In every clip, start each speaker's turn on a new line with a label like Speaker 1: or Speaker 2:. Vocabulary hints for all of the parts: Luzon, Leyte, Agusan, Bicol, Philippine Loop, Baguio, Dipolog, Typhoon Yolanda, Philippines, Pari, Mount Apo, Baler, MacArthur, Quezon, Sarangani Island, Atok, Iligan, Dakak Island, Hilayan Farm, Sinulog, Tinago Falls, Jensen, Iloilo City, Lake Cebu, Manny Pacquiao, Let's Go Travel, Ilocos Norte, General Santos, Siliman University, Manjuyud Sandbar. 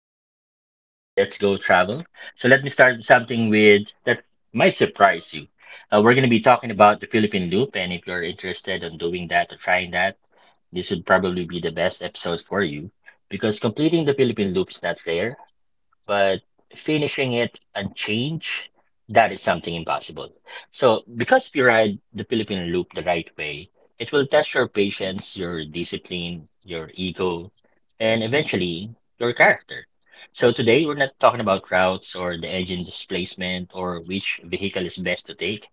Speaker 1: this is episode two of Let's Go Travel. So let me start with something with that might surprise you. We're going to be talking about the Philippine Loop, and if you're interested in doing that or trying that, this would probably be the best episode for you because completing the Philippine Loop is not rare but finishing it unchanged, that is something impossible. So, because if you ride the Philippine Loop the right way, it will test your patience, your discipline, your ego, and eventually your character. So, today we're not talking about routes or the engine displacement or which vehicle is best to take.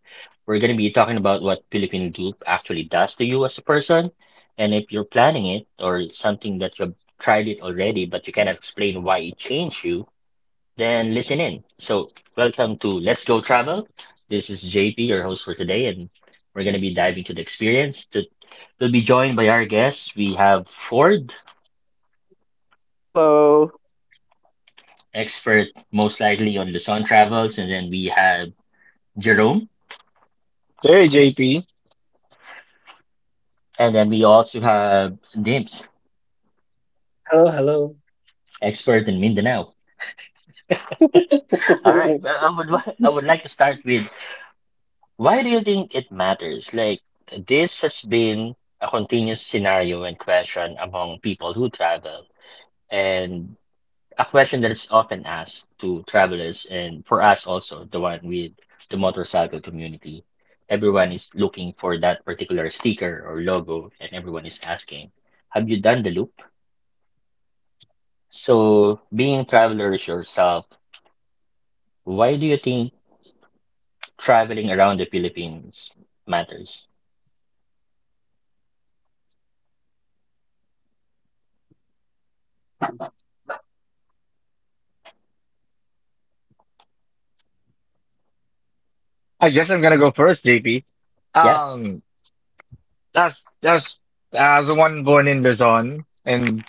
Speaker 1: We're going to be talking about what Philippine Loop actually does to you as a person. And if you're planning it or something that you've tried it already, but you cannot explain why it changed you, then listen in. So, welcome to Let's Go Travel. This is JP, your host for today, and we're going to be diving to the experience. To, we'll be joined by our guests. We have Ford,
Speaker 2: Hello.
Speaker 1: expert most likely on Luzon travels, and then we have Jerome,
Speaker 3: Hey, JP.
Speaker 1: and then we also have Dims,
Speaker 4: Hello, hello.
Speaker 1: expert in Mindanao. All right, well, I would like to start with, why do you think it matters? Like this has been a continuous scenario and question among people who travel. And a question that is often asked to travelers and for us also, the one with the motorcycle community. Everyone is looking for that particular sticker or logo, and everyone is asking, have you done the loop? So, being travelers yourself, why do you think traveling around the Philippines matters?
Speaker 3: I guess I'm gonna go first, JP.
Speaker 1: Yeah.
Speaker 3: Um, That's as the one born in Luzon, and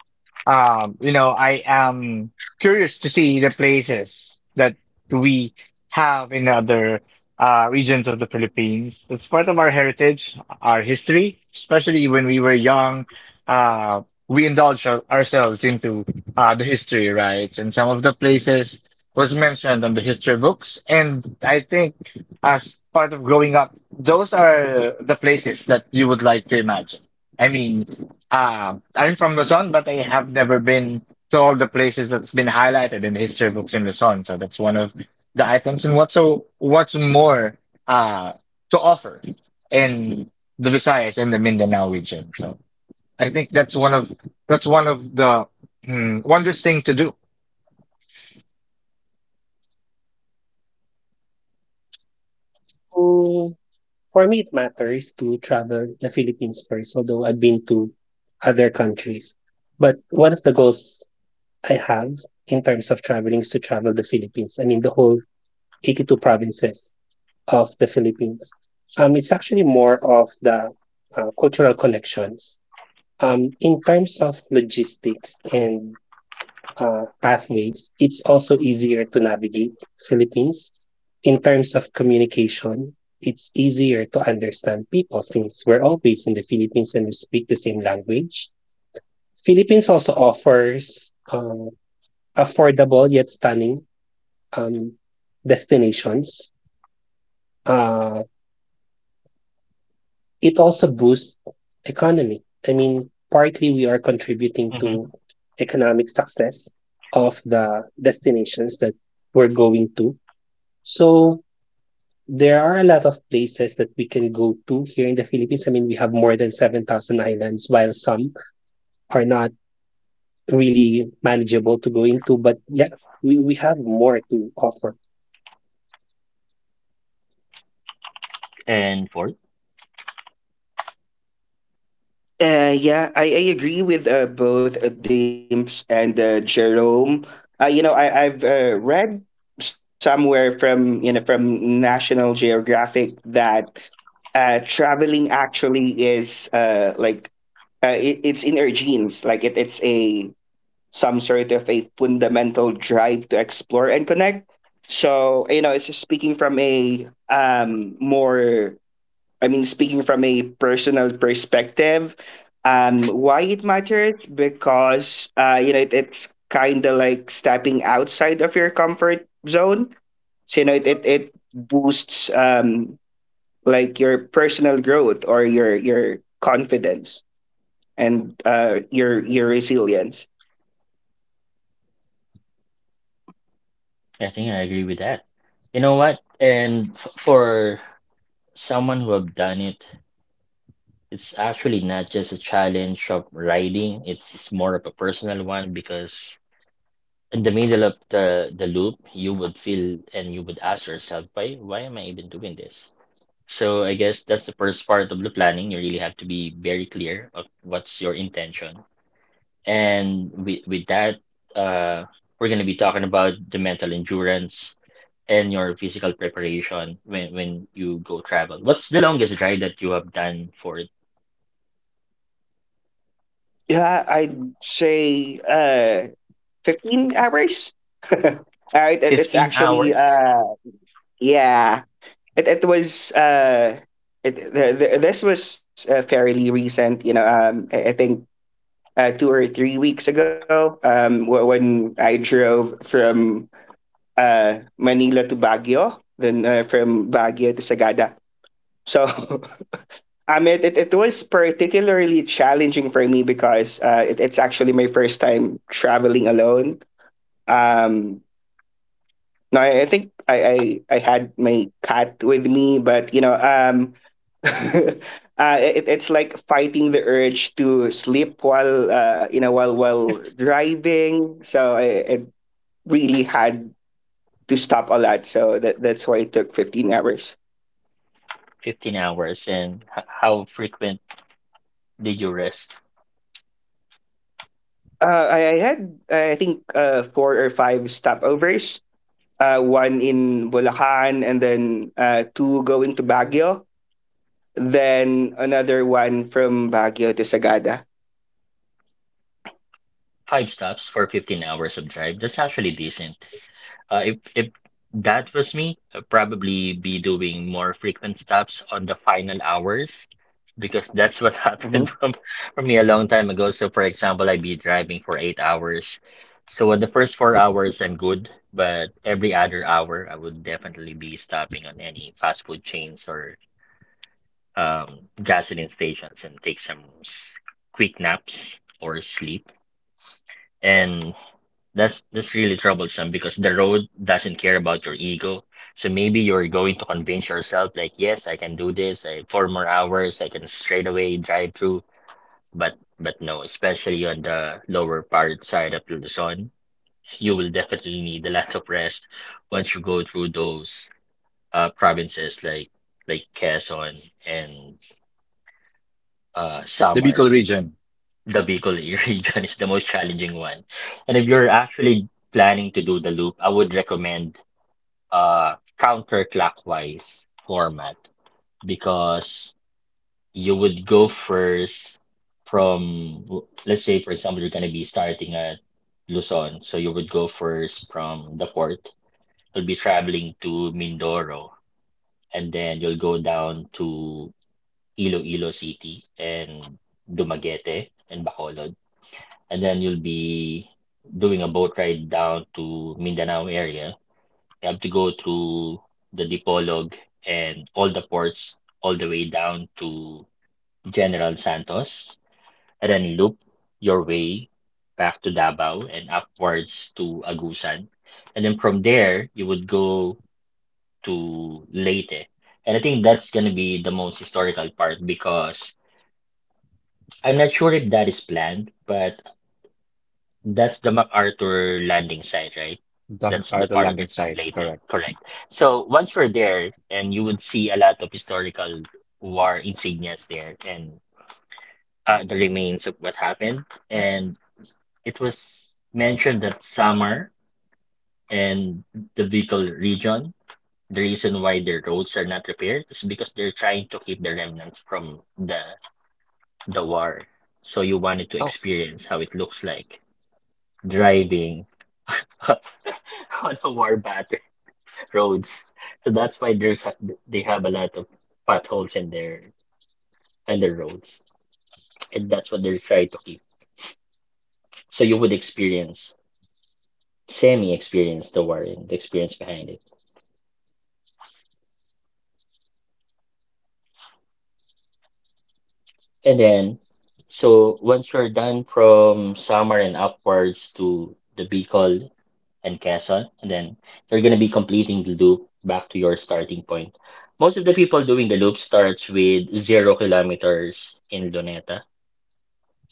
Speaker 3: I am curious to see the places that we have in other regions of the Philippines. It's part of our heritage, our history, especially when we were young. Uh, we indulge ourselves into the history, right? And some of the places was mentioned on the history books, and I think as part of growing up those are the places that you would like to imagine. I mean, I'm from Luzon, but I have never been to all the places that's been highlighted in the history books in Luzon. So that's one of the items. And what's so what's more uh, to offer in the Visayas and the Mindanao region. So I think that's one of the wondrous thing to do.
Speaker 4: Mm, For me, it matters to travel the Philippines first, although I've been to other countries. But one of the goals I have in terms of traveling is to travel the Philippines. I mean, the whole 82 provinces of the Philippines. It's actually more of the cultural connections. In terms of logistics and pathways, it's also easier to navigate Philippines in terms of communication. It's easier to understand people since we're all based in the Philippines and we speak the same language. Philippines also offers affordable yet stunning um, destinations. Uh, it also boosts economy. I mean, partly we are contributing
Speaker 1: hmm
Speaker 4: to economic success of the destinations that we're going to. So there are a lot of places that we can go to here in the Philippines. I mean, we have more than 7,000 islands, while some are not really manageable to go into. But yeah, we have more to offer.
Speaker 1: And fourth,
Speaker 2: I agree with both Dimps and Jerome. I've read somewhere from you know from National Geographic that traveling actually is like it's in our genes. Like it, it's a some sort of a fundamental drive to explore connect. It's speaking from a speaking from a personal perspective. Why it matters because it's kind of like stepping outside of your comfort zone. It boosts like your personal growth or your confidence and your resilience.
Speaker 1: I think I agree with that. You know what? For someone who have done it, it's actually not just a challenge of riding, it's more of a personal one because in the middle of the loop, you would feel and you would ask yourself, why am I even doing this? So I guess that's the first part of the planning. You really have to be very clear of what's your intention. And with that, uh, we're going to be talking about the mental endurance and your physical preparation when you go travel. What's the longest ride that you have done for
Speaker 2: Yeah, I'd say 15 hours. All right, it's
Speaker 1: 15
Speaker 2: actually
Speaker 1: hours?
Speaker 2: yeah. it was it the, this was fairly recent. I think 2 or 3 weeks ago when I drove from Manila to Baguio, then from Baguio to Sagada. I mean it was particularly challenging for me because it's actually my first time traveling alone. Um No, I, I think I had my cat with me, but you know, it's like fighting the urge to sleep while while driving. So I really had to stop a lot. So that's why it took 15 hours.
Speaker 1: 15 hours. And how frequent did you rest?
Speaker 2: Uh, I, I had I think four or five stopovers. One in Bulacan, and then two going to Baguio. Then another one from Baguio to Sagada.
Speaker 1: Five stops for 15 hours of drive. That's actually decent. If that was me, I'd probably be doing more frequent stops on the final hours because that's what
Speaker 2: Mm-hmm.
Speaker 1: happened from me a long time ago. So for example, I'd be driving for 8 hours. So on the first 4 hours, I'm good, but every other hour, I would definitely be stopping on any fast food chains or gasoline stations and take some quick naps or sleep. And that's really troublesome because the road doesn't care about your ego. So maybe you're going to convince yourself like, yes, I can do this. I, four more hours, I can straight away drive through. But no, especially on the lower part side of Luzon, you will definitely need a lot of rest once you go through those provinces like Quezon and
Speaker 3: The
Speaker 1: Samar.
Speaker 3: Bicol region,
Speaker 1: The Bicol region is the most challenging one. And if you're actually planning to do the loop, I would recommend uh counterclockwise format, because you would go first from, let's say, for example, you're going to be starting at Luzon. So you would go first from the port. You'll be traveling to Mindoro and then you'll go down to Iloilo City and Dumaguete and Bacolod, and then you'll be doing a boat ride down to Mindanao area. You have to go through the Dipolog and all the ports all the way down to General Santos, and then loop your way back to Davao and upwards to Agusan. And then from there, you would go to Leyte. And I think that's going to be the most historical part because I'm not sure if that is planned, but that's the MacArthur landing site, right?
Speaker 3: the,
Speaker 1: That's
Speaker 3: are
Speaker 1: the
Speaker 3: the
Speaker 1: part of
Speaker 3: landing site,
Speaker 1: Leyte,
Speaker 3: correct?
Speaker 1: correct. So once you're there, and you would see a lot of historical war insignias there, and the remains of what happened. And it was mentioned that Samar and the Bicol region, the reason why their roads are not repaired is because they're trying to keep the remnants from the war. So you wanted to
Speaker 3: Oh,
Speaker 1: experience how it looks like driving on the war bat roads. So that's why there's a- they have a lot of potholes in their roads, and that's what they're trying to keep. So you would experience, semi experience the war and the experience behind it, and then so once you're done from summer and upwards to the Bicol and Quezon, and then you're gonna be completing the loop back to your starting point. Most of the people doing the loop starts with 0 kilometers in Luneta.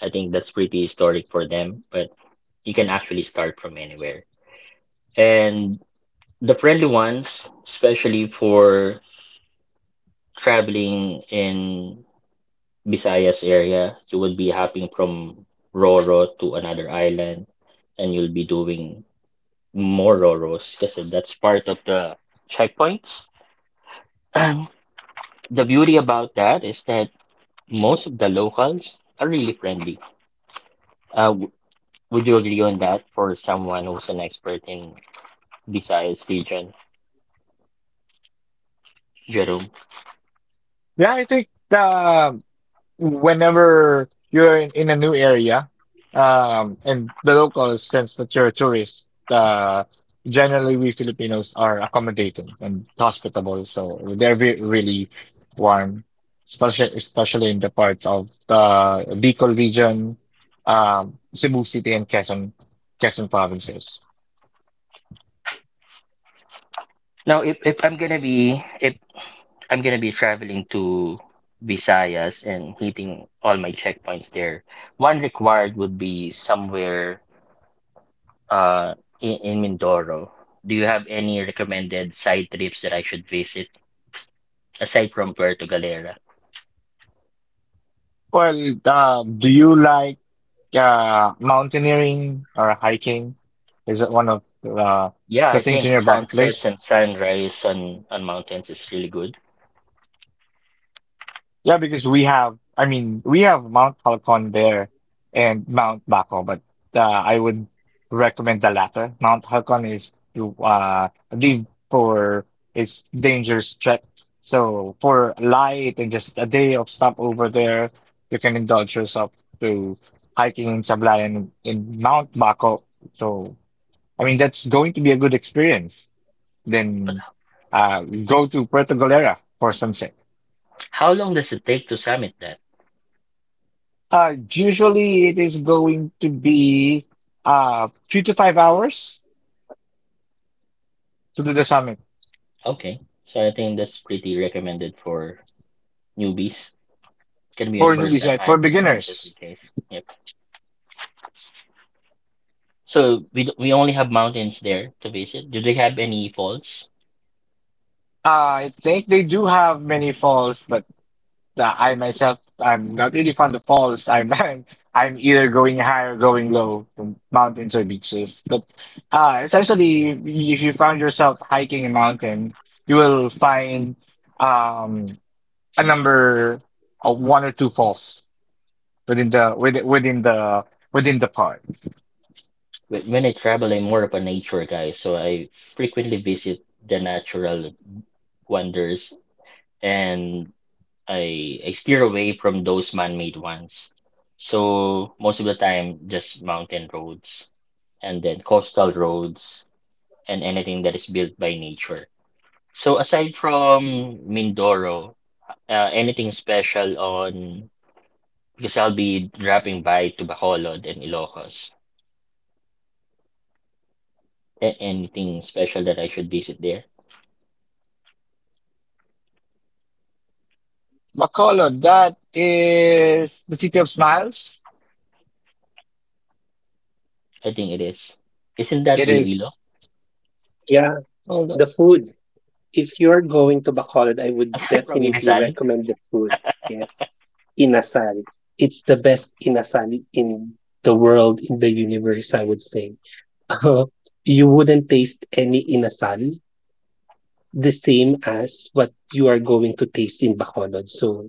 Speaker 1: I think that's pretty historic for them, but you can actually start from anywhere. And the friendly ones, especially for traveling in Visayas area, you will be hopping from Roro to another island and you'll be doing more Roros because that's part of the checkpoints. And the beauty about that is that most of the locals are really friendly. Uh, w- would you agree on that for someone who's an expert in Visayas region, Jerome.
Speaker 3: yeah. I think the whenever you're in a new area, and the locals sense that you're a tourist, generally we Filipinos are accommodating and hospitable, so they're re really warm, especially in the parts of the Bicol region, Cebu City and Quezon, Quezon provinces.
Speaker 1: Now, if I'm gonna be traveling to Visayas and hitting all my checkpoints there, one required would be somewhere uh in Mindoro. Do you have any recommended side trips that I should visit aside from Puerto Galera?
Speaker 3: Well, do you like. Yeah, mountaineering or hiking is one of
Speaker 1: Yeah,
Speaker 3: the
Speaker 1: I
Speaker 3: things in
Speaker 1: think
Speaker 3: your bucket
Speaker 1: sunsets
Speaker 3: list.
Speaker 1: and sunrise on mountains is really good.
Speaker 3: Yeah, because we have Mount Halcon there and Mount Bako, but I would recommend the latter. Mount Halcon is, I believe, for its dangerous trek. So for light and just a day of stop over there, you can indulge yourself to hiking in Sablayan in Mount Bako. So. I mean, that's going to be a good experience.
Speaker 1: But
Speaker 3: Then go to Puerto Galera for sunset.
Speaker 1: how long does it take to summit that?
Speaker 3: Usually it is going to be 3 to 5 hours to do the summit
Speaker 1: Okay, so I think that's pretty recommended for newbies. It's gonna be a
Speaker 3: for
Speaker 1: first
Speaker 3: newbies,
Speaker 1: time
Speaker 3: right? For
Speaker 1: hiking for just in
Speaker 3: beginners.
Speaker 1: case. Yep. So we only have mountains there to visit. Do they have any falls?
Speaker 3: Uh, I think they do have many falls, but that I'm not really fond of falls. I'm I'm either going high or going low from mountains or beaches. But essentially, if you found yourself hiking a mountain, you will find um, a number of one or two falls within the park.
Speaker 1: When I travel, I'm more of a nature guy, so I frequently visit the natural wonders, and I steer away from those man-made ones. So most of the time, just mountain roads and then coastal roads and anything that is built by nature. So aside from Mindoro, anything special on, because I'll be dropping by to Bacolod and Ilocos. Anything special that I should visit there?
Speaker 3: Bacolod, that is the city of smiles.
Speaker 1: I think it is. Isn't that
Speaker 3: It
Speaker 1: Iloilo?
Speaker 3: is.
Speaker 4: Yeah,
Speaker 3: Hold
Speaker 4: the
Speaker 3: on.
Speaker 4: food. If you're going to Bacolod, I would
Speaker 1: I'm from
Speaker 4: definitely
Speaker 1: Inasal.
Speaker 4: recommend the food. Yeah, inasal. It's the best inasal in the world, in the universe, I would say. You wouldn't taste any inasal the same as what you are going to taste in Bacolod. So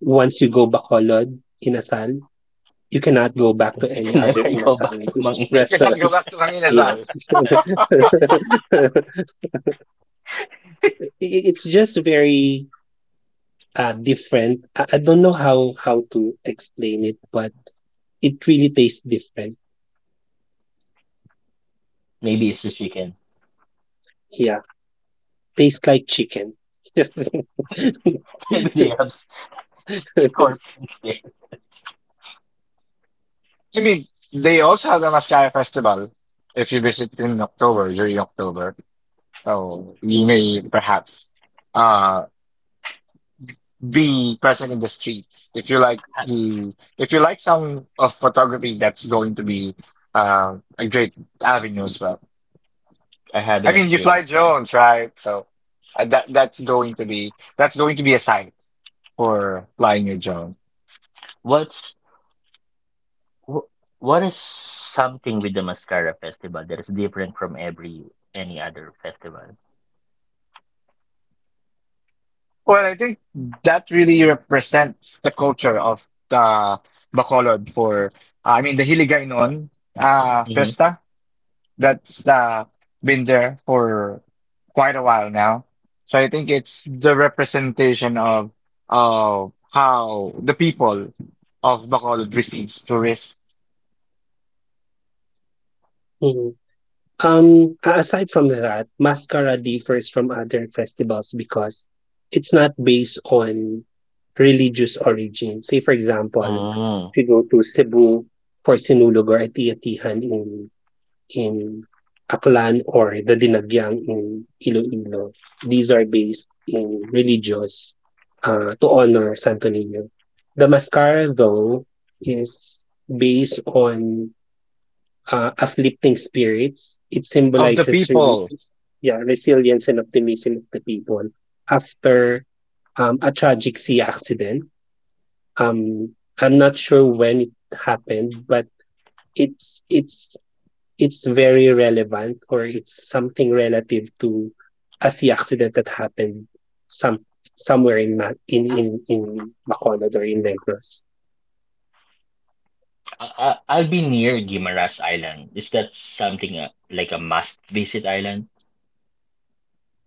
Speaker 4: once you go Bacolod, Inasal, you cannot go back to
Speaker 1: I
Speaker 4: any
Speaker 1: can
Speaker 4: other
Speaker 1: never go
Speaker 4: Inasal
Speaker 1: back to Mang
Speaker 3: You
Speaker 1: Inasal.
Speaker 3: cannot
Speaker 4: restaurant.
Speaker 3: go back to
Speaker 4: Yes.
Speaker 3: Manginazal.
Speaker 4: I- it's just very different. I don't know how to explain it, but it really tastes different.
Speaker 1: Maybe it's the chicken.
Speaker 4: Yeah, tastes like chicken.
Speaker 1: Maybe they have scorpions there.
Speaker 3: I mean, they also have the Mascara Festival if you visit in October, during October. So you may perhaps uh be present in the streets if you like
Speaker 1: I
Speaker 3: the if you like some of photography that's going to be a great avenue as well.
Speaker 1: I
Speaker 3: I
Speaker 1: haven't
Speaker 3: mean, you fly
Speaker 1: experienced that.
Speaker 3: drones, right? So that's going to be a sign for flying your drone.
Speaker 1: What's Wh- What is something with the Mascara Festival that is different from every any other festival?
Speaker 3: Well, I think that really represents the culture of the Bacolod for, the Hiligaynon
Speaker 1: Hmm.
Speaker 3: Fiesta that's been there for quite a while now. So I think it's the representation of how the people of Bacolod receives tourists,
Speaker 4: A aside from that, Mascara differs from other festivals because it's not based on religious origin. Say for example, if
Speaker 1: Mm.
Speaker 4: you go to Cebu for Sinulog or Ati-Atihan in in Aklan or the Dinagyang in Iloilo, these are based in religious, to honor Santo Niño. The Mascara though is based on afflicting spirits, it
Speaker 3: of the
Speaker 4: symbolizes really,
Speaker 3: people.
Speaker 4: yeah, resilience and optimism of the people after a tragic sea accident. Um, I'm not sure when it happened, but it's it's it's very relevant or it's something relative to a sea accident that happened some somewhere in Bacolod or in Negros.
Speaker 1: I'll be near Guimaras Island. Is that something like a must visit island?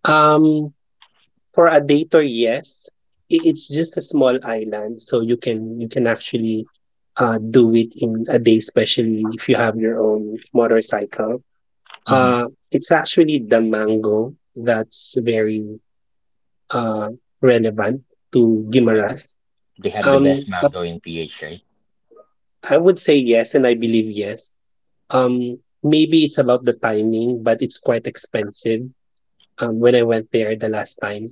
Speaker 4: Um, For a dater, yes. It's just a small island, so you can actually do it in a day, especially if you have your own motorcycle.
Speaker 1: Hmm.
Speaker 4: Uh, it's actually the mango that's very uh, relevant to
Speaker 1: Okay.
Speaker 4: Guimaras.
Speaker 1: They have the best
Speaker 4: But
Speaker 1: mango in PH, right?
Speaker 4: I would say yes, and I believe yes. Um, maybe it's about the timing, but it's quite expensive. When I went there the last time,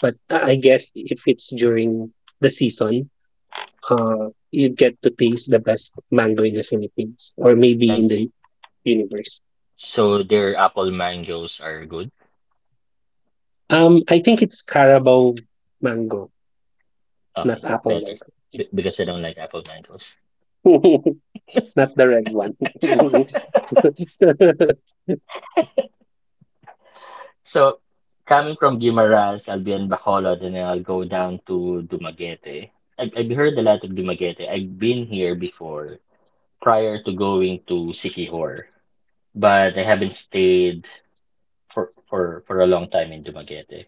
Speaker 4: but I guess if it's during the season, you get to taste the best mango in the Philippines or maybe
Speaker 1: Like,
Speaker 4: in the universe.
Speaker 1: so their apple mangoes are good?
Speaker 4: I think it's Carabao mango, not
Speaker 1: Okay,
Speaker 4: apple
Speaker 1: better.
Speaker 4: mango,
Speaker 1: B because I don't like apple mangoes.
Speaker 4: not the red one.
Speaker 1: So coming from Guimaras, I'll be in Bacolod and then I'll go down to Dumaguete. I've heard a lot of Dumaguete. I've been here before prior to going to Sikihor, but I haven't stayed for a long time in Dumaguete.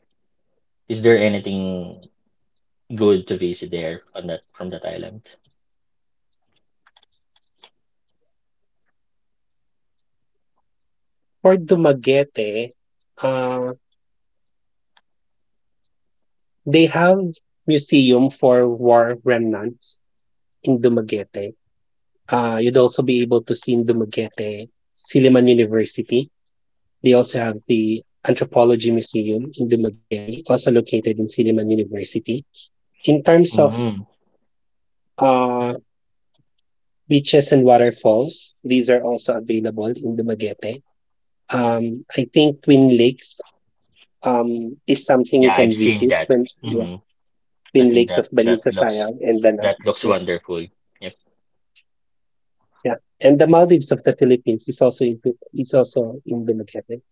Speaker 1: Is there anything good to visit there on that from that island?
Speaker 4: For Dumaguete, uh, they have museum for war remnants in Dumaguete. You'd also be able to see in Dumaguete, Siliman University. They also have the Anthropology Museum in Dumaguete, also located in Siliman University. In terms of
Speaker 1: Mm,
Speaker 4: uh, beaches and waterfalls, these are also available in Dumaguete. I think Twin Lakes is something you
Speaker 1: yeah, I've
Speaker 4: can
Speaker 1: seen
Speaker 4: visit
Speaker 1: that.
Speaker 4: when. Yeah,
Speaker 1: Hmm. I
Speaker 4: Twin
Speaker 1: think
Speaker 4: Lakes
Speaker 1: that
Speaker 4: of
Speaker 1: that looks
Speaker 4: Balinsasayag and Danang.
Speaker 1: that looks
Speaker 4: Yeah,
Speaker 1: wonderful. Yep.
Speaker 4: yeah. And the Maldives of the Philippines is also in Dumaguete.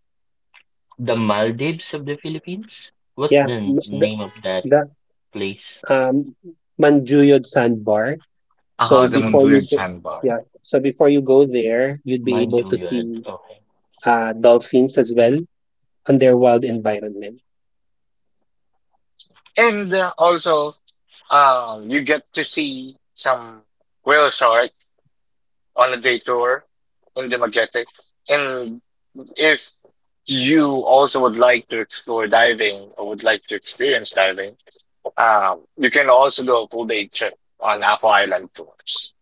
Speaker 1: The Maldives of the Philippines? What's
Speaker 4: Yeah,
Speaker 1: the n-
Speaker 4: m- the,
Speaker 1: name of that
Speaker 4: the
Speaker 1: place?
Speaker 4: um, Manjuyod Sandbar. So
Speaker 3: Ah, the
Speaker 4: before
Speaker 1: Manjuyud
Speaker 4: you
Speaker 3: Munduyog
Speaker 4: g-
Speaker 3: Sandbar.
Speaker 1: Sandbar,
Speaker 4: yeah, so before you go there, you'd be able to
Speaker 1: Manjuyud,
Speaker 4: see
Speaker 1: okay.
Speaker 4: dolphins as well on their wild environment.
Speaker 3: And also, you get to see some whale sharks on a day tour in the Magetic. And if you also would like to explore diving or would like to experience diving, you can also do a full day trip on Apple Island tours,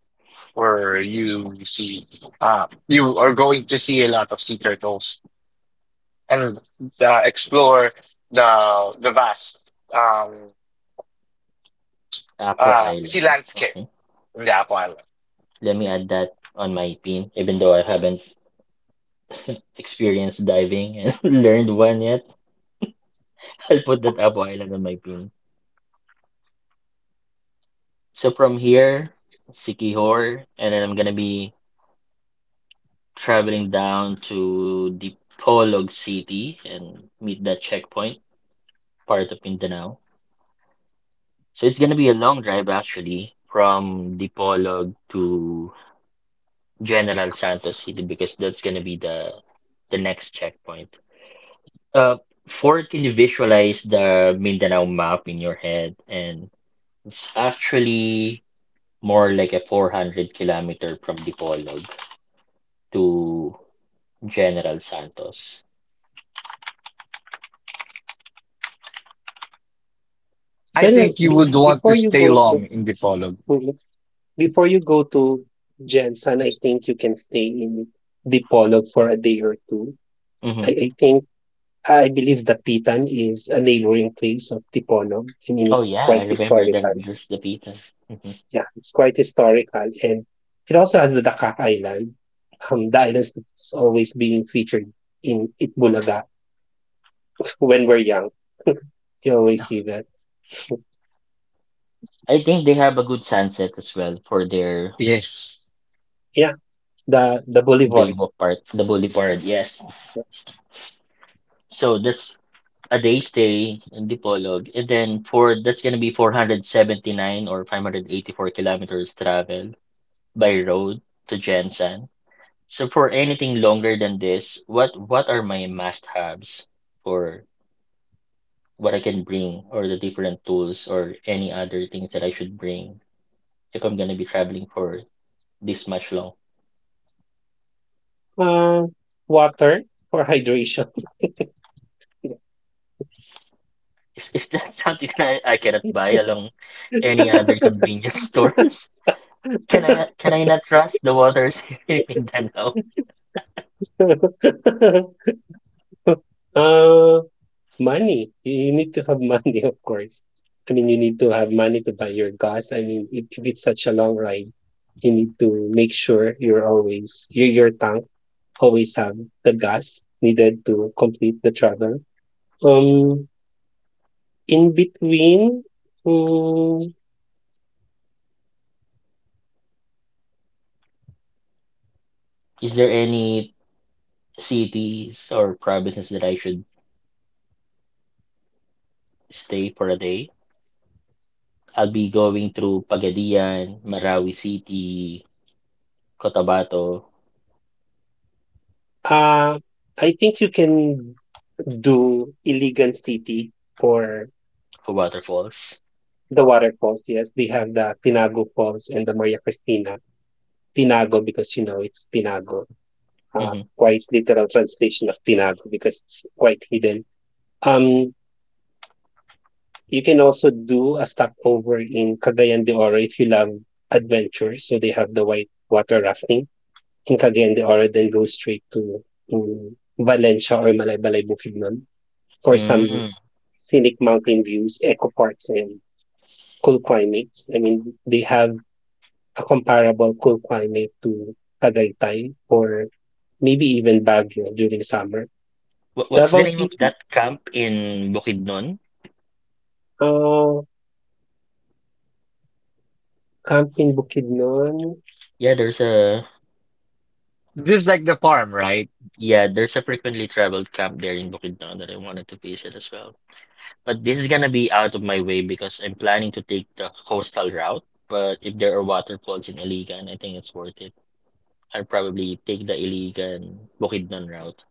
Speaker 3: where you see, you are going to see a lot of sea turtles and explore the vast um,
Speaker 1: Apo
Speaker 3: sea
Speaker 1: Island,
Speaker 3: landscape
Speaker 1: okay.
Speaker 3: in the Apple Island.
Speaker 1: Let me add that on my pin, even though I haven't experienced diving and learned one yet. I'll put that Apo Island on my pin. So from here, Sikihor, and then I'm gonna be traveling down to the Polog City and meet that checkpoint, part of Mindanao. So it's gonna be a long drive actually from Dipolog to General Santos City because that's gonna be the next checkpoint. Uh, fourth, can you visualize the Mindanao map in your head? And it's actually more like a 400-kilometer from Dipolog to General Santos.
Speaker 3: I
Speaker 4: Well,
Speaker 3: think you
Speaker 4: be,
Speaker 3: would want to
Speaker 4: before you
Speaker 3: stay
Speaker 4: go
Speaker 3: long in Dipolog.
Speaker 4: to- before you go to Jensen, I think you can stay in Dipolog for a day or two. I,
Speaker 1: Hmm.
Speaker 4: I think I believe Dapitan is a neighboring place of Dipolog. I mean,
Speaker 1: Oh
Speaker 4: it's
Speaker 1: yeah, I
Speaker 4: quite
Speaker 1: remember that
Speaker 4: historical.
Speaker 1: there's the pizza. Hmm.
Speaker 4: Yeah, it's quite historical, and it also has the Dakak Island. The island is always being featured in Itbulaga when we're young. You always see that.
Speaker 1: I think they have a good sunset as well for their
Speaker 3: Yes.
Speaker 4: Yeah, the boulevard.
Speaker 1: Baywalk part, the boulevard. Yes. So that's a day stay in Dipolog, and then for that's gonna be 479 or 584 kilometers travel by road to Jensen. So for anything longer than this, what are my must-haves for what I can bring or the different tools or any other things that I should bring if I'm gonna be traveling for this much long?
Speaker 4: Uh, water for hydration.
Speaker 1: Is that something that I cannot buy along any other convenience stores? Can I not trust the waters in Mindanao?
Speaker 4: uh, Money. You need to have money, of course. I mean, you need to have money to buy your gas. I mean, if it's such a long ride, you need to make sure your tank always have the gas needed to complete the travel. Um, in between, mm,
Speaker 1: Is there any cities or provinces that I should stay for a day? I'll be going through Pagadian, Marawi City, Cotabato,
Speaker 4: uh, I think you can do Iligan City for
Speaker 1: for waterfalls.
Speaker 4: the waterfalls. Yes, they have the Tinago Falls and the Maria Cristina. Tinago because you know it's Tinago.
Speaker 1: Mm-hmm.
Speaker 4: Quite literal translation of tinago because it's quite hidden. Um, you can also do a stopover in Cagayan de Oro if you love adventure. So they have the white water rafting in Cagayan de Oro, then go straight to Valencia or Malaybalay Bukidnon for some
Speaker 1: Mm.
Speaker 4: scenic
Speaker 1: Right.
Speaker 4: mountain views, eco parks, and cool climates. I mean, they have a comparable cool climate to Tagaytay or maybe even Baguio during summer.
Speaker 1: What's
Speaker 4: Davao
Speaker 1: the name of
Speaker 4: City.
Speaker 1: that camp in Bukidnon?
Speaker 4: Uh, Camping Bukidnon,
Speaker 1: Yeah, there's a
Speaker 3: Just like the farm, right?
Speaker 1: yeah, there's a frequently traveled camp there in Bukidnon that I wanted to visit as well. But this is gonna be out of my way because I'm planning to take the coastal route. But if there are waterfalls in Iligan, I think it's worth it. I'd probably take the Iligan Bukidnon route.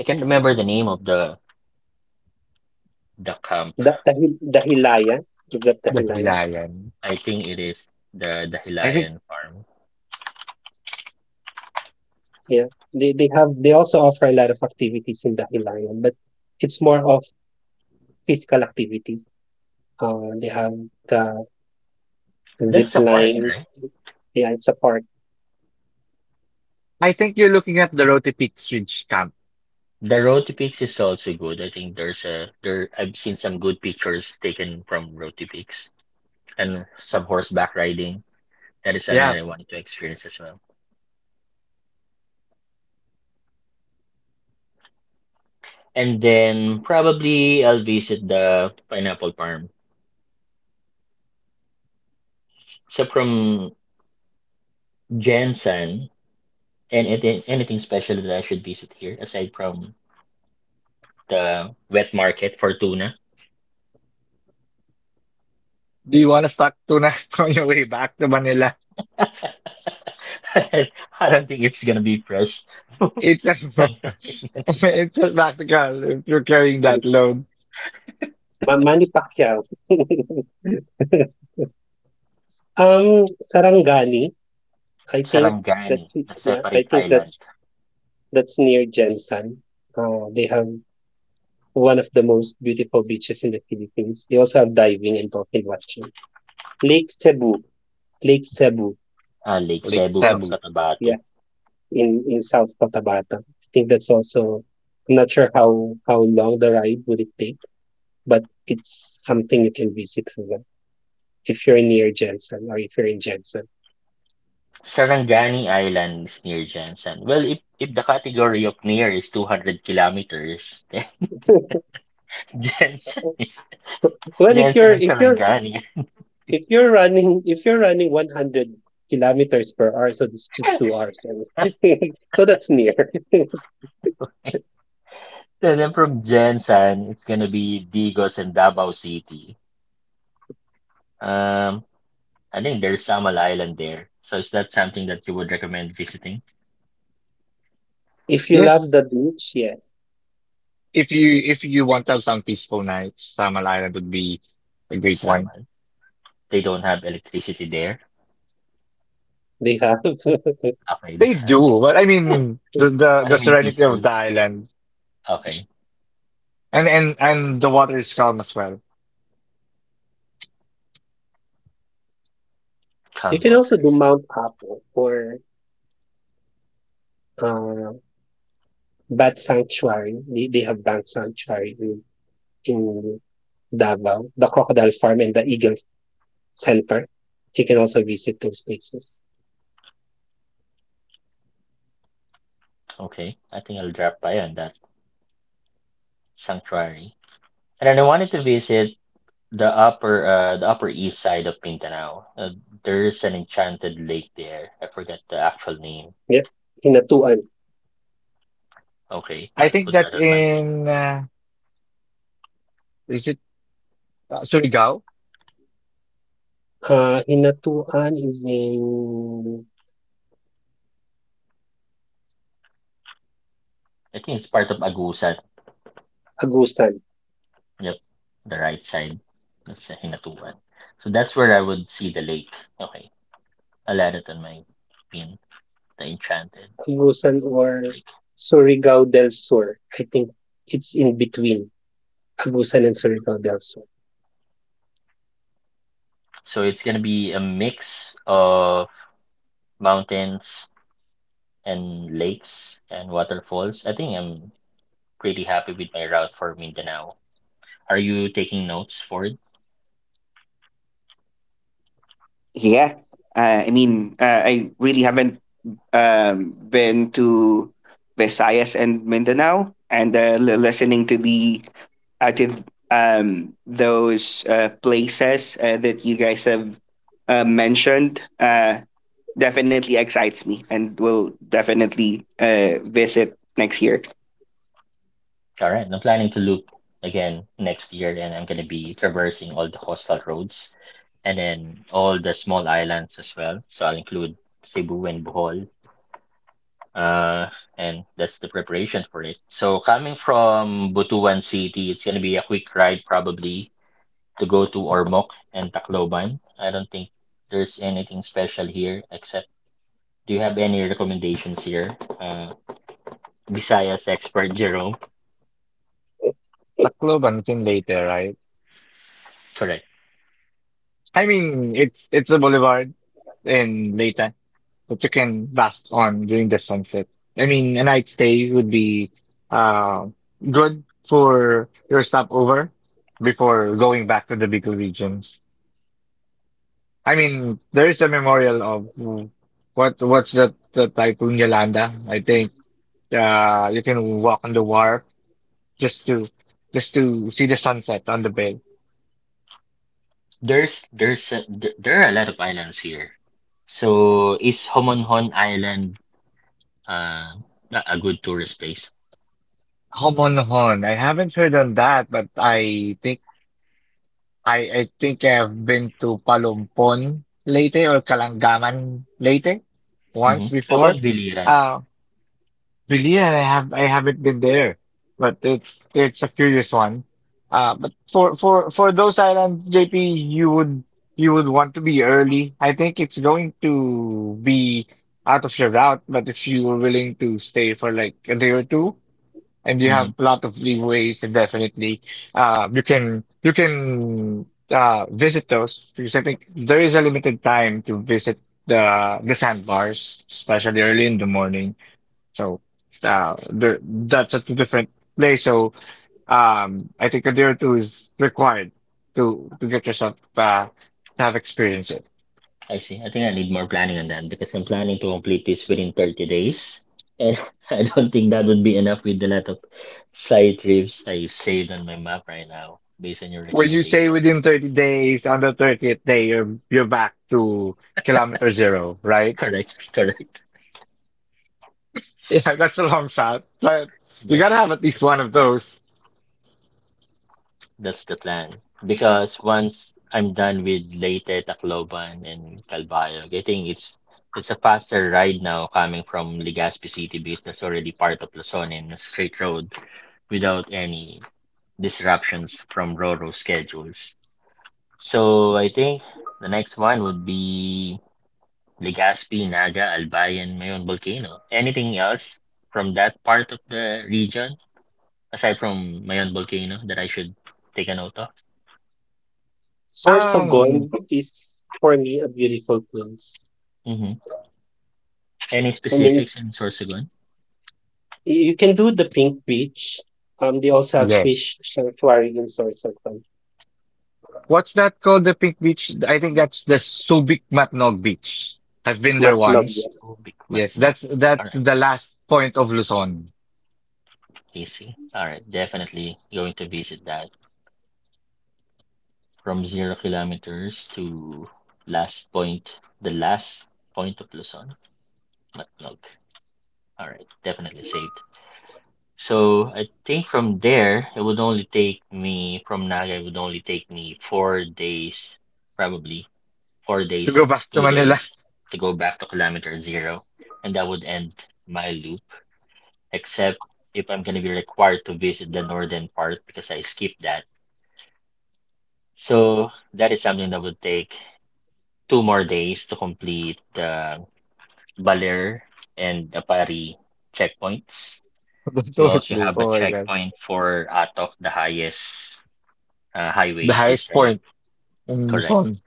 Speaker 1: I can't remember the name of the camp.
Speaker 4: da Dahi Dahilayan, is that
Speaker 3: The
Speaker 4: Dahilayan?
Speaker 3: Hilayan.
Speaker 1: I think it is the
Speaker 3: I think
Speaker 1: Hilayan Farm.
Speaker 4: Yeah, they also offer a lot of activities in Dahilayan, but it's more of physical activity. They have the zip
Speaker 1: That's a park,
Speaker 4: line,
Speaker 1: right?
Speaker 4: yeah, it's a park.
Speaker 3: I think you're looking at the Rote Peaks Ridge camp.
Speaker 1: The Road to Peaks is also good. I think there I've seen some good pictures taken from Road to Peaks and some horseback riding. That is something
Speaker 3: Yeah.
Speaker 1: I wanted to experience as well. And then probably I'll visit the Pineapple Farm. So from Jensen, and anything special that I should visit here aside from the wet market for tuna.
Speaker 3: Do you want to start tuna on your way back to Manila?
Speaker 1: I don't think it's gonna be fresh.
Speaker 3: It's it's practical if you're carrying that load,
Speaker 4: Ma Manny Pacquiao. Sarangani, I think that's
Speaker 1: Sarangani, a
Speaker 4: yeah, I
Speaker 1: separate
Speaker 4: think
Speaker 1: island,
Speaker 4: that's near Gemsan. They have one of the most beautiful beaches in the Philippines. They also have diving and dolphin watching. Lake Cebu, Lake Cebu,
Speaker 1: Lake
Speaker 3: like
Speaker 1: Cebu
Speaker 4: uh,
Speaker 1: from
Speaker 3: Cebu.
Speaker 1: Cotabato.
Speaker 4: yeah, in South Cotabato. I think that's also. I'm not sure how long the ride would it take, but it's something you can visit as well if you're near Jensen or if you're in Jensen.
Speaker 1: Sarangani Island is near Jensen. Well, if the category of near is 200 kilometers, then Jensen is
Speaker 4: Well, if
Speaker 1: Jensen
Speaker 4: you're
Speaker 1: and
Speaker 4: if you're
Speaker 1: Sarangani.
Speaker 4: if you're running 100 kilometers per hour, so it's just 2 hours. So that's near.
Speaker 1: Then from Jensen, it's gonna be Digos and Davao City. Um, I think there's Samal Island there. So is that something that you would recommend visiting?
Speaker 4: If you love
Speaker 3: Yes,
Speaker 4: the beach, yes,
Speaker 3: if you want to have some peaceful nights, Samal Island would be a great one.
Speaker 1: Samal. They don't have electricity there.
Speaker 4: they have.
Speaker 1: Okay, they
Speaker 3: They
Speaker 1: have.
Speaker 3: do, but I mean
Speaker 1: What do
Speaker 3: the
Speaker 1: you mean
Speaker 3: serenity
Speaker 1: peaceful?
Speaker 3: of the island
Speaker 1: Okay,
Speaker 3: and and the water is calm as well.
Speaker 4: You
Speaker 1: calm
Speaker 4: can also do
Speaker 1: waters.
Speaker 4: Mount Apo or uh, Bat Sanctuary. They have Bat Sanctuary in, Davao, the Crocodile Farm and the Eagle Center. You can also visit those places.
Speaker 1: Okay, I think I'll drop by on that sanctuary. And then I wanted to visit the upper east side of Mindanao. There's an enchanted lake there. I forget the actual name.
Speaker 4: Yeah. Hinatuan.
Speaker 1: Okay,
Speaker 3: I
Speaker 1: I'll
Speaker 3: think
Speaker 1: put
Speaker 3: that's
Speaker 1: that on my pin.
Speaker 3: in is it Surigao.
Speaker 4: Hinatuan is in
Speaker 1: I think it's part of Agusan.
Speaker 4: Agusan.
Speaker 1: Yep, the right side. That's the Hinatuan. So that's where I would see the lake. Okay, I'll add it on my pin, the Enchanted
Speaker 4: Agusan or
Speaker 1: Lake.
Speaker 4: Surigao del Sur. I think it's in between Agusan and Surigao del Sur.
Speaker 1: So it's gonna be a mix of mountains and lakes and waterfalls. I think I'm pretty happy with my route for Mindanao. Are you taking notes for it?
Speaker 2: Yeah, I really haven't been to Visayas and Mindanao, and listening to the to those places that you guys have mentioned definitely excites me, and will definitely visit next year.
Speaker 1: Alright, I'm planning to loop again next year, and I'm gonna be traversing all the coastal roads and then all the small islands as well. So I'll include Cebu and Bohol. Uh, and that's the preparation for it. So coming from Butuan City, it's gonna be a quick ride probably to go to Ormoc and Tacloban. I don't think there's anything special here except do you have any recommendations here? Visayas expert Jerome.
Speaker 3: Tacloban. It's in Leyte, right?
Speaker 1: Correct.
Speaker 3: I mean it's a boulevard in Leyte that you can bask on during the sunset. I mean, a night stay would be uh, good for your stopover before going back to the Bicol regions. I mean, there is a memorial of what's that, the Typhoon Yolanda. I think you can walk on the wharf just to just to see the sunset on the bay.
Speaker 1: There are a lot of islands here. So is Homonhon Island uh not a good tourist place?
Speaker 3: Homonhon. I haven't heard on that, but I think I've been to Palumpon Leyte or Kalangaman Leyte
Speaker 1: Mm-hmm.
Speaker 3: once
Speaker 1: How about
Speaker 3: before.
Speaker 1: Biliran?
Speaker 3: Uh, really, I haven't been there, but it's a curious one. But for those islands, JP, you would you would want to be early. I think it's going to be out of your route, but if you were willing to stay for like a day or two, and you have
Speaker 1: Mm-hmm.
Speaker 3: a lot of leeways and definitely you can visit those because I think there is a limited time to visit the sandbars, especially early in the morning. So there that's a different place. So I think a day or two is required to get yourself to have experience it.
Speaker 1: I see. I think I need more planning on that because I'm planning to complete this within 30 days. And I don't think that would be enough with the lot of side trips I saved on my map right now based on your
Speaker 3: When you say within
Speaker 1: recommendations.
Speaker 3: 30 days, on the 30th day, you're back to kilometer zero, right?
Speaker 1: Correct, correct.
Speaker 3: Yeah, that's a long shot, but you gotta have
Speaker 1: That's
Speaker 3: at least
Speaker 1: that's
Speaker 3: one
Speaker 1: the
Speaker 3: of
Speaker 1: plan.
Speaker 3: those.
Speaker 1: That's the plan. Because once I'm done with Leyte, Tacloban, and Calbayog, I think it's a faster ride now coming from Legazpi City because that's already part of Luzon and a straight road without any disruptions from Roro schedules. So I think the next one would be Legazpi, Naga, Albay, and Mayon Volcano. Anything else from that part of the region aside from Mayon Volcano that I should take a note of?
Speaker 3: Um,
Speaker 4: Sorsogon is for me a beautiful place.
Speaker 1: Mm-hmm. Any
Speaker 4: I mean,
Speaker 1: specifics in Sorsogon?
Speaker 4: You can do the Pink Beach. They also have
Speaker 3: yes.
Speaker 4: fish sanctuary in Sorsogon,
Speaker 3: What's that called? The pink beach? I think that's the Subic Matnog Beach. I've been there once.
Speaker 4: Matnobia.
Speaker 1: Oh, Bikmat,
Speaker 3: Yes,
Speaker 1: no. All
Speaker 3: that's
Speaker 1: right,
Speaker 3: the last point of Luzon.
Speaker 1: easy. All right, definitely going to visit that. From 0 kilometers to last point, the last point of Luzon, Matnog. All right, definitely saved. So I think from there, it would only take me, from Naga, it would only take me 4 days, probably four
Speaker 3: To go
Speaker 1: days
Speaker 3: back
Speaker 1: to
Speaker 3: to
Speaker 1: two
Speaker 3: Manila,
Speaker 1: days to go back to kilometer zero. And that would end my loop, except if I'm going to be required to visit the northern part because I skipped that. So that is something that would take two more days to complete the Baler and the Pari checkpoints.
Speaker 3: the
Speaker 1: We
Speaker 3: how
Speaker 1: also
Speaker 3: loop.
Speaker 1: have a
Speaker 3: Oh my God,
Speaker 1: checkpoint for Atok, the highest
Speaker 3: the
Speaker 1: highway
Speaker 3: highest
Speaker 1: system.
Speaker 3: point in Luzon.
Speaker 1: Correct.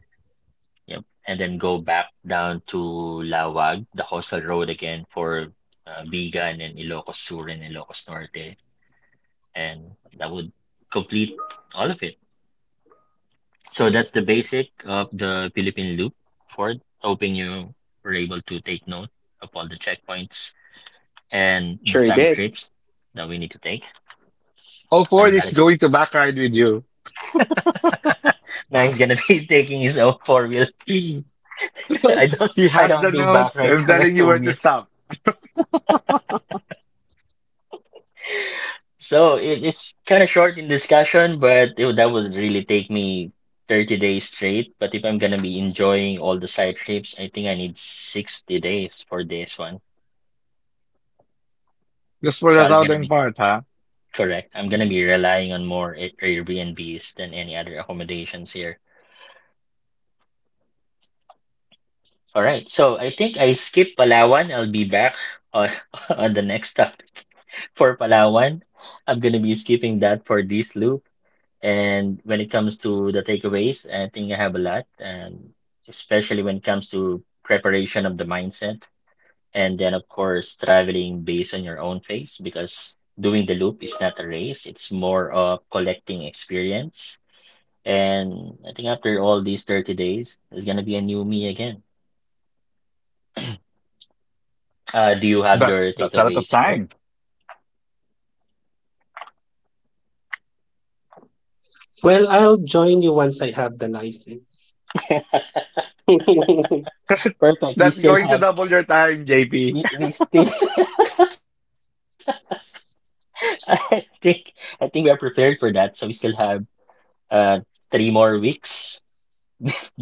Speaker 1: Yep. And then go back down to Lawag, the coastal road again for Bigan and Ilocos Sur and Ilocos Norte. And that would complete all of it. So that's the basic of the Philippine Loop, for it. Hoping you were able to take note of all the checkpoints and the
Speaker 2: Sure
Speaker 1: side
Speaker 2: did.
Speaker 1: trips that we need to take.
Speaker 3: Oh,
Speaker 1: And
Speaker 3: Ford
Speaker 1: that
Speaker 3: is going
Speaker 1: is
Speaker 3: to back ride with you.
Speaker 1: now he's gonna be taking his own four wheel.
Speaker 3: So
Speaker 1: I don't
Speaker 3: he
Speaker 1: I
Speaker 3: has the
Speaker 1: don't do back
Speaker 3: notes.
Speaker 1: rides
Speaker 3: I'm
Speaker 1: on my
Speaker 3: telling you
Speaker 1: two
Speaker 3: where to
Speaker 1: wheels.
Speaker 3: stop.
Speaker 1: So it's kind of short in discussion, but it, that would really take me 30 days straight. But if I'm gonna be enjoying all the side trips, I think I need 60 days for this one.
Speaker 3: Just for
Speaker 1: So
Speaker 3: the
Speaker 1: I'm gonna
Speaker 3: southern
Speaker 1: be
Speaker 3: part, huh?
Speaker 1: Correct. I'm gonna be relying on more A- Airbnbs than any other accommodations here. All right. So I think I skipped Palawan. I'll be back on, on the next topic for Palawan. I'm gonna be skipping that for this loop. And when it comes to the takeaways, I think I have a lot, and especially when it comes to preparation of the mindset, and then of course traveling based on your own pace because doing the loop is not a race. It's more of collecting experience. And I think after all these 30 days, there's gonna be a new me again. Do you have your
Speaker 3: That's a lot of
Speaker 1: takeaways for it?
Speaker 3: time.
Speaker 4: Well, I'll join you once I have the license.
Speaker 1: Perfect. We
Speaker 3: That's
Speaker 1: still
Speaker 3: going to
Speaker 1: have
Speaker 3: double your time, JP.
Speaker 1: we still I think I think we are prepared for that. So we still have uh three more weeks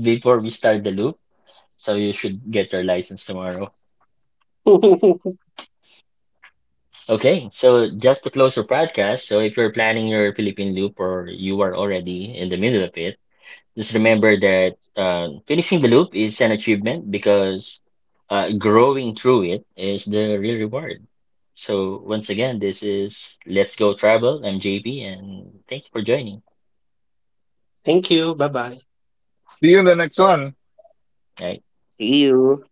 Speaker 1: before we start the loop. So you should get your license tomorrow. Okay, so just to close your podcast, so if you're planning your Philippine loop or you are already in the middle of it, just remember that finishing the loop is an achievement because growing through it is the real reward. So once again, this is Let's Go Travel. I'm JP, and thank you for joining.
Speaker 4: Thank you. Bye bye.
Speaker 3: See you in the next one.
Speaker 1: Right.
Speaker 2: See you.